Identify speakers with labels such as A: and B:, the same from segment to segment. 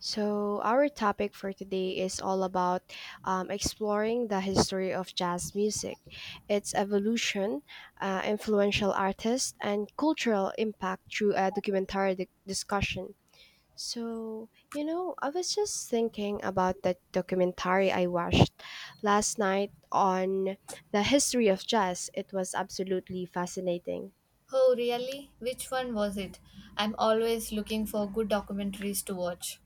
A: So, our topic for today is all about exploring the history of jazz music, its evolution, influential artists, and cultural impact through a discussion. So, I was just thinking about that documentary I watched last night on the history of jazz. It was absolutely fascinating.
B: Oh, really? Which one was it? I'm always looking for good documentaries to watch.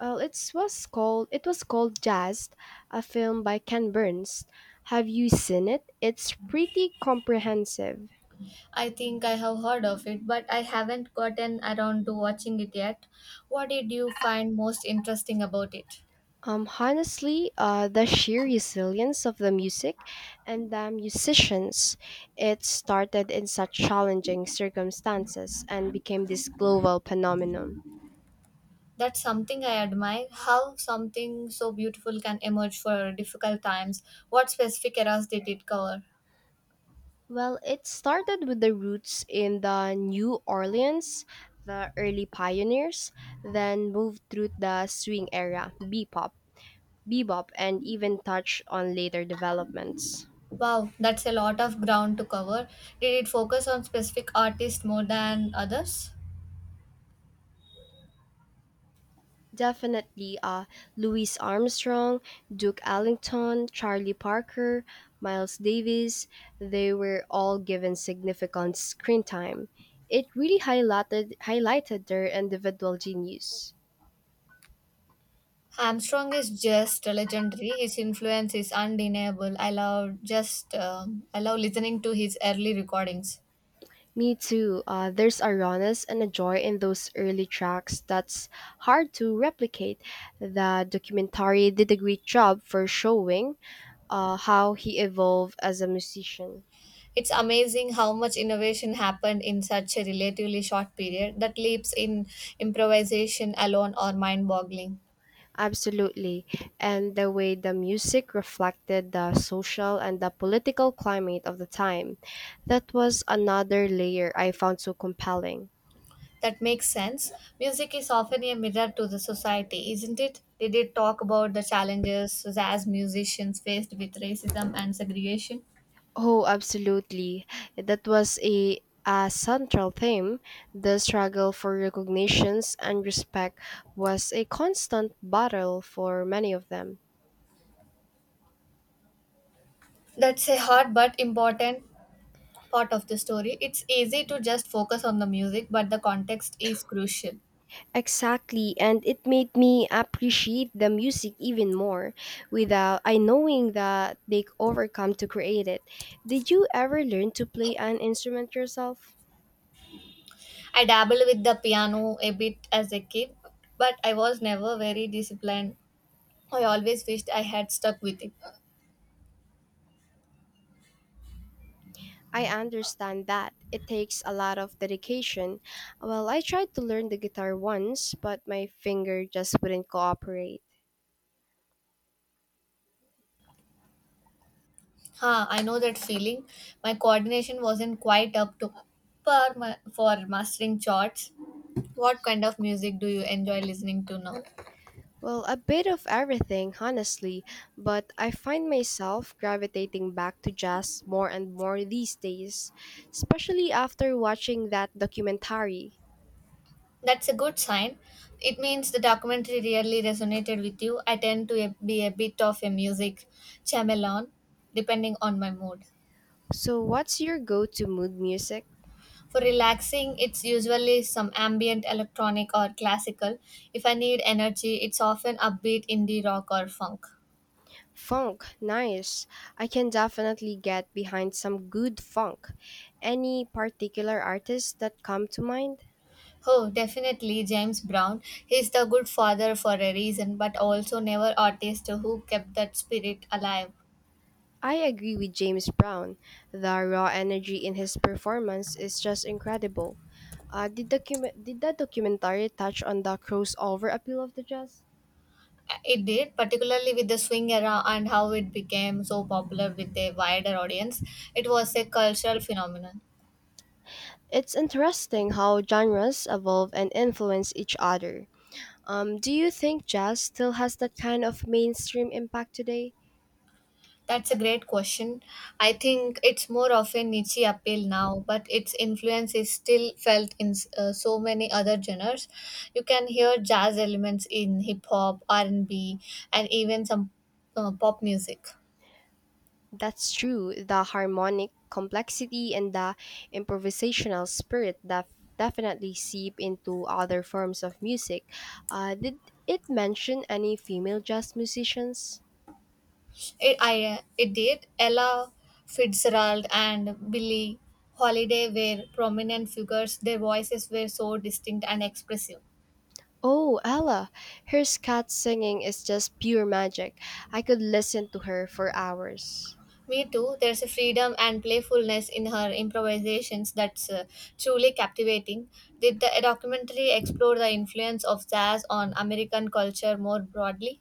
A: Well, it was called Jazz, a film by Ken Burns. Have you seen it? It's pretty comprehensive.
B: I think I have heard of it, but I haven't gotten around to watching it yet. What did you find most interesting about it?
A: Honestly, the sheer resilience of the music and the musicians, it started in such challenging circumstances and became this global phenomenon.
B: That's something I admire how something so beautiful can emerge for difficult times. What specific eras did it cover?
A: Well, it started with the roots in the New Orleans, the early pioneers, then moved through the swing era, bebop and even touch on later developments.
B: Wow, that's a lot of ground to cover. Did it focus on specific artists more than others?
A: Definitely Louis Armstrong, Duke Ellington, Charlie Parker, Miles Davis, they were all given significant screen time. It really highlighted their individual genius.
B: Armstrong is just legendary. His influence is undeniable. I love just I love listening to his early recordings.
A: Me too. There's a rawness and a joy in those early tracks that's hard to replicate. The documentary did a great job for showing how he evolved as a musician.
B: It's amazing how much innovation happened in such a relatively short period. That leaps in improvisation alone are mind-boggling.
A: Absolutely. And the way the music reflected the social and the political climate of the time. That was another layer I found so compelling.
B: That makes sense. Music is often a mirror to the society, isn't it? Did it talk about the challenges as musicians faced with racism and segregation?
A: Oh, absolutely. That was a central theme. The struggle for recognitions and respect was a constant battle for many of them.
B: That's a hard but important part of the story. It's easy to just focus on the music, but the context is crucial.
A: Exactly, and it made me appreciate the music even more without I knowing that they overcome to create it. Did you ever learn to play an instrument yourself?
B: I dabbled with the piano a bit as a kid, but I was never very disciplined. I always wished I had stuck with it.
A: I understand that it takes a lot of dedication. Well, I tried to learn the guitar once, but my finger just wouldn't cooperate.
B: Huh, I know that feeling. My coordination wasn't quite up to par for mastering chords. What kind of music do you enjoy listening to now?
A: Well, a bit of everything, honestly, but I find myself gravitating back to jazz more and more these days, especially after watching that documentary.
B: That's a good sign. It means the documentary really resonated with you. I tend to be a bit of a music chameleon, depending on my mood.
A: So, what's your go to mood music?
B: For relaxing, it's usually some ambient electronic or classical. If I need energy, it's often upbeat indie rock or funk.
A: Funk, nice. I can definitely get behind some good funk. Any particular artists that come to mind?
B: Oh, definitely James Brown. He's the good father for a reason, but also never artist who kept that spirit alive.
A: I agree with James Brown. The raw energy in his performance is just incredible. Did that documentary touch on the crossover appeal of the jazz?
B: It did, particularly with the swing era and how it became so popular with a wider audience. It was a cultural phenomenon.
A: It's interesting how genres evolve and influence each other. Do you think jazz still has that kind of mainstream impact today?
B: That's a great question. I think it's more of a niche appeal now, but its influence is still felt in so many other genres. You can hear jazz elements in hip hop, R&B, and B, and even some pop music.
A: That's true. The harmonic complexity and the improvisational spirit def- definitely seep into other forms of music. Did it mention any female jazz musicians?
B: It did. Ella Fitzgerald and Billie Holiday were prominent figures. Their voices were so distinct and expressive.
A: Oh, Ella, her scat singing is just pure magic. I could listen to her for hours.
B: Me too. There's a freedom and playfulness in her improvisations that's truly captivating. Did the documentary explore the influence of jazz on American culture more broadly?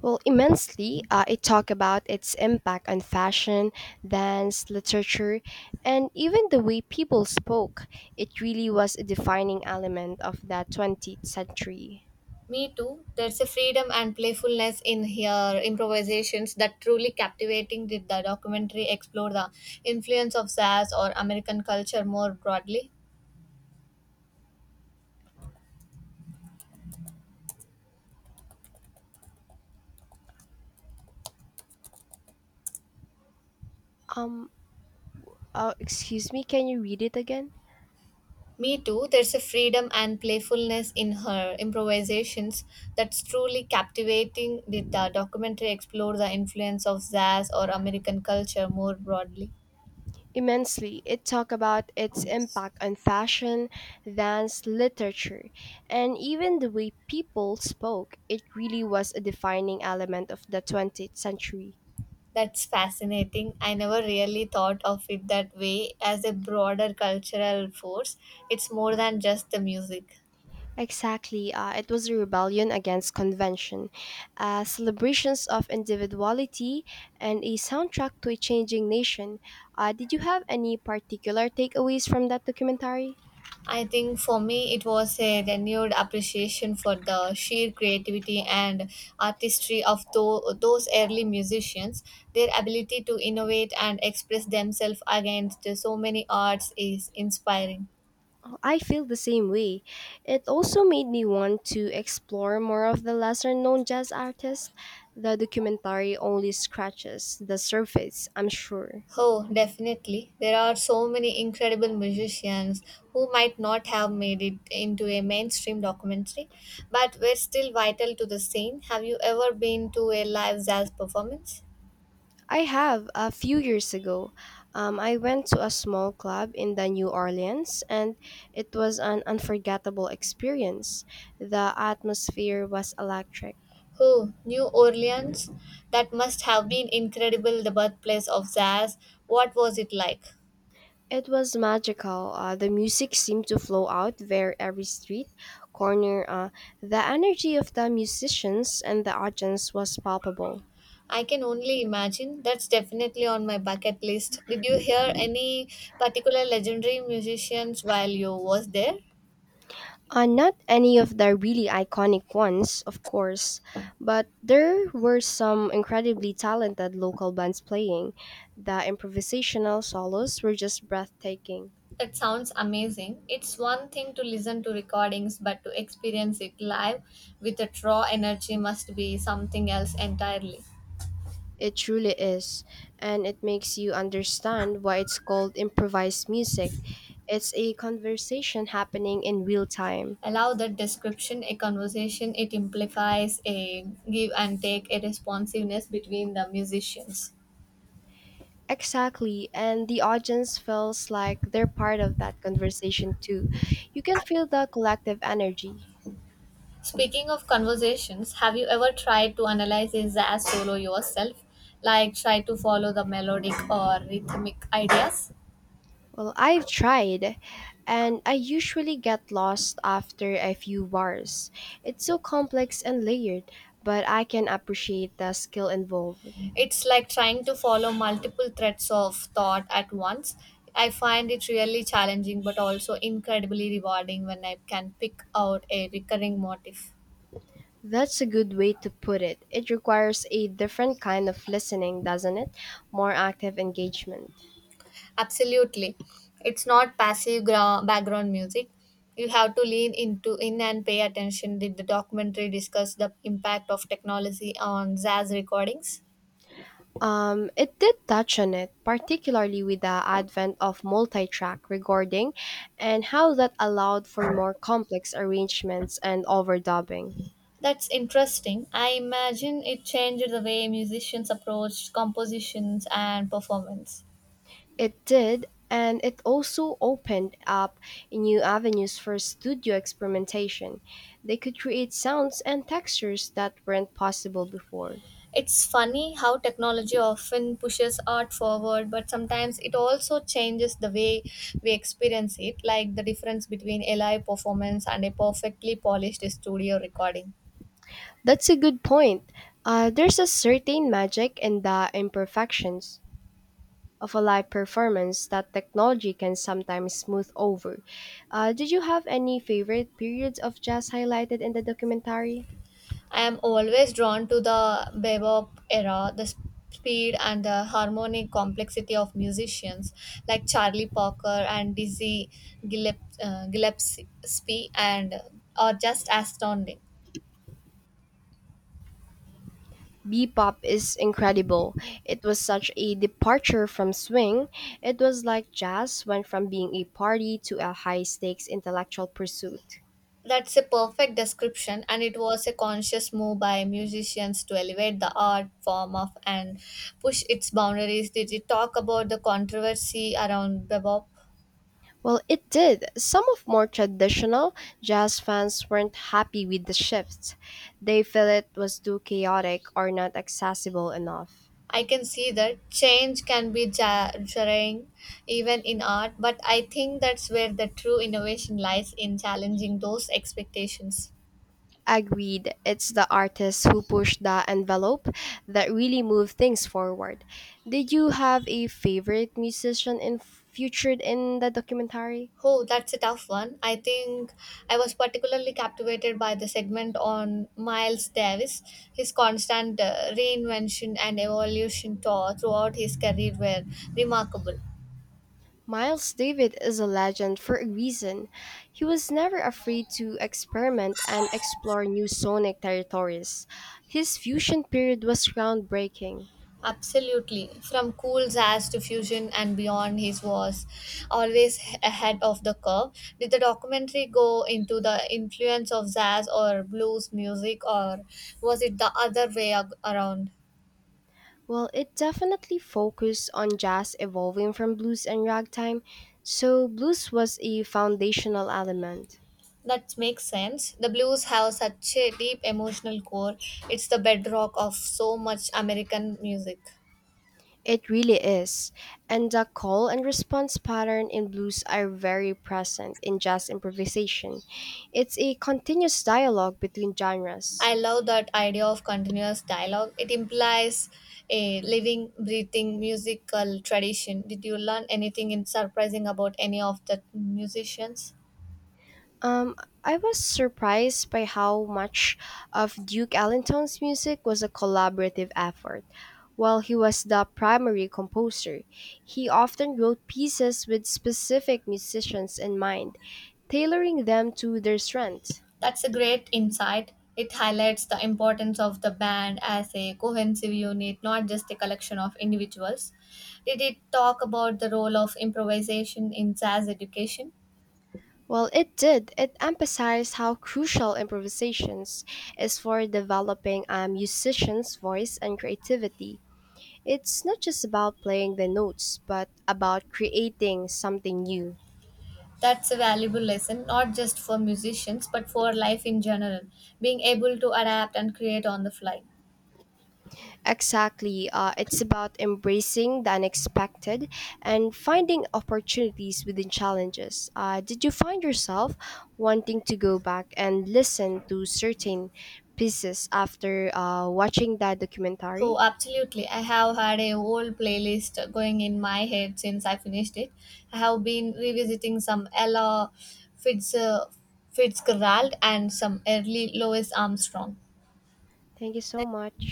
A: Well, immensely, it talked about its impact on fashion, dance, literature, and even the way people spoke. It really was a defining element of that 20th century.
B: Me too. There's a freedom and playfulness in her improvisations that truly captivating. Did the documentary explore the influence of jazz or American culture more broadly?
A: Um, Excuse me, can you read it again?
B: Me too. There's a freedom and playfulness in her improvisations that's truly captivating. Did the documentary explore the influence of jazz or American culture more broadly?
A: Immensely, it talked about its impact on fashion, dance, literature, and even the way people spoke. It really was a defining element of the 20th century.
B: That's fascinating. I never really thought of it that way as a broader cultural force. It's more than just the music.
A: Exactly, it was a rebellion against convention, celebrations of individuality, and a soundtrack to a changing nation. Did you have any particular takeaways from that documentary?
B: I think for me it was a renewed appreciation for the sheer creativity and artistry of those early musicians. Their ability to innovate and express themselves against so many arts is inspiring.
A: I feel the same way. It also made me want to explore more of the lesser known jazz artists. The documentary only scratches the surface, I'm sure.
B: Oh, definitely. There are so many incredible musicians who might not have made it into a mainstream documentary, but were still vital to the scene. Have you ever been to a live jazz performance?
A: I have a few years ago. I went to a small club in the New Orleans and it was an unforgettable experience. The atmosphere was electric.
B: Oh, New Orleans. That must have been incredible, the birthplace of jazz. What was it like?
A: It was magical. The music seemed to flow out where every street corner. The energy of the musicians and the audience was palpable.
B: I can only imagine. That's definitely on my bucket list. Did you hear any particular legendary musicians while you was there?
A: Not any of the really iconic ones, of course, but there were some incredibly talented local bands playing. The improvisational solos were just breathtaking.
B: That sounds amazing. It's one thing to listen to recordings, but to experience it live with the raw energy must be something else entirely.
A: It truly is, and it makes you understand why it's called improvised music. It's a conversation happening in real time.
B: Allow that description, a conversation, it implies a give and take, a responsiveness between the musicians.
A: Exactly, and the audience feels like they're part of that conversation too. You can feel the collective energy.
B: Speaking of conversations, have you ever tried to analyze a jazz solo yourself, like try to follow the melodic or rhythmic ideas?
A: Well, I've tried, and I usually get lost after a few bars. It's so complex and layered, but I can appreciate the skill involved.
B: It's like trying to follow multiple threads of thought at once. I find it really challenging but also incredibly rewarding when I can pick out a recurring motif.
A: That's a good way to put it. It requires a different kind of listening, doesn't it? More active engagement.
B: Absolutely. It's not passive background music. You have to lean into in and pay attention. Did the documentary discuss the impact of technology on jazz recordings?
A: It did touch on it, particularly with the advent of multi track recording and how that allowed for more complex arrangements and overdubbing.
B: That's interesting. I imagine it changed the way musicians approached compositions and performance.
A: It did, and it also opened up new avenues for studio experimentation. They could create sounds and textures that weren't possible before.
B: It's funny how technology often pushes art forward, but sometimes it also changes the way we experience it, like the difference between a live performance and a perfectly polished studio recording.
A: That's a good point. There's a certain magic in the imperfections of a live performance that technology can sometimes smooth over. Did you have any favorite periods of jazz highlighted in the documentary?
B: I am always drawn to the bebop era, the speed and the harmonic complexity of musicians like Charlie Parker and Dizzy Gillespie, Gillespie and are just astounding.
A: Bebop is incredible. It was such a departure from swing. It was like jazz went from being a party to a high stakes intellectual pursuit.
B: That's a perfect description, and it was a conscious move by musicians to elevate the art form of and push its boundaries. Did you talk about the controversy around bebop?
A: Well, it did. Some of more traditional jazz fans weren't happy with the shift. They felt it was too chaotic or not accessible enough.
B: I can see that change can be jarring even in art, but I think that's where the true innovation lies in challenging those expectations.
A: Agreed. It's the artists who push the envelope that really move things forward. Did you have a featured in the documentary?
B: Oh, that's a tough one. I think I was particularly captivated by the segment on Miles Davis. His constant reinvention and evolution throughout his career were remarkable.
A: Miles David is a legend for a reason. He was never afraid to experiment and explore new sonic territories. His fusion period was groundbreaking.
B: Absolutely. From cool jazz to fusion and beyond, he was always ahead of the curve. Did the documentary go into the influence of jazz or blues music, or was it the other way around?
A: Well, it definitely focused on jazz evolving from blues and ragtime, so blues was a foundational element.
B: That makes sense. The blues have such a deep emotional core. It's the bedrock of so much American music.
A: It really is. And the call and response pattern in blues are very present in jazz improvisation. It's a continuous dialogue between genres.
B: I love that idea of continuous dialogue. It implies a living, breathing musical tradition. Did you learn anything in surprising about any of the musicians?
A: Um, I was surprised by how much of Duke Ellington's music was a collaborative effort. While he was the primary composer, he often wrote pieces with specific musicians in mind, tailoring them to their strengths.
B: That's a great insight. It highlights the importance of the band as a cohesive unit, not just a collection of individuals. Did it talk about the role of improvisation in jazz education?
A: Well, it did. It emphasized how crucial improvisations is for developing a musician's voice and creativity. It's not just about playing the notes, but about creating something new.
B: That's a valuable lesson, not just for musicians, but for life in general, being able to adapt and create on the fly.
A: Exactly. It's about embracing the unexpected and finding opportunities within challenges. Did you find yourself wanting to go back and listen to certain pieces after watching that
B: Oh,
A: documentary?
B: absolutely. I have had a whole playlist going in my head since I finished it. I have been revisiting some Ella Fitz, uh, Fitzgerald and some early Louis Armstrong.
A: Thank you so much.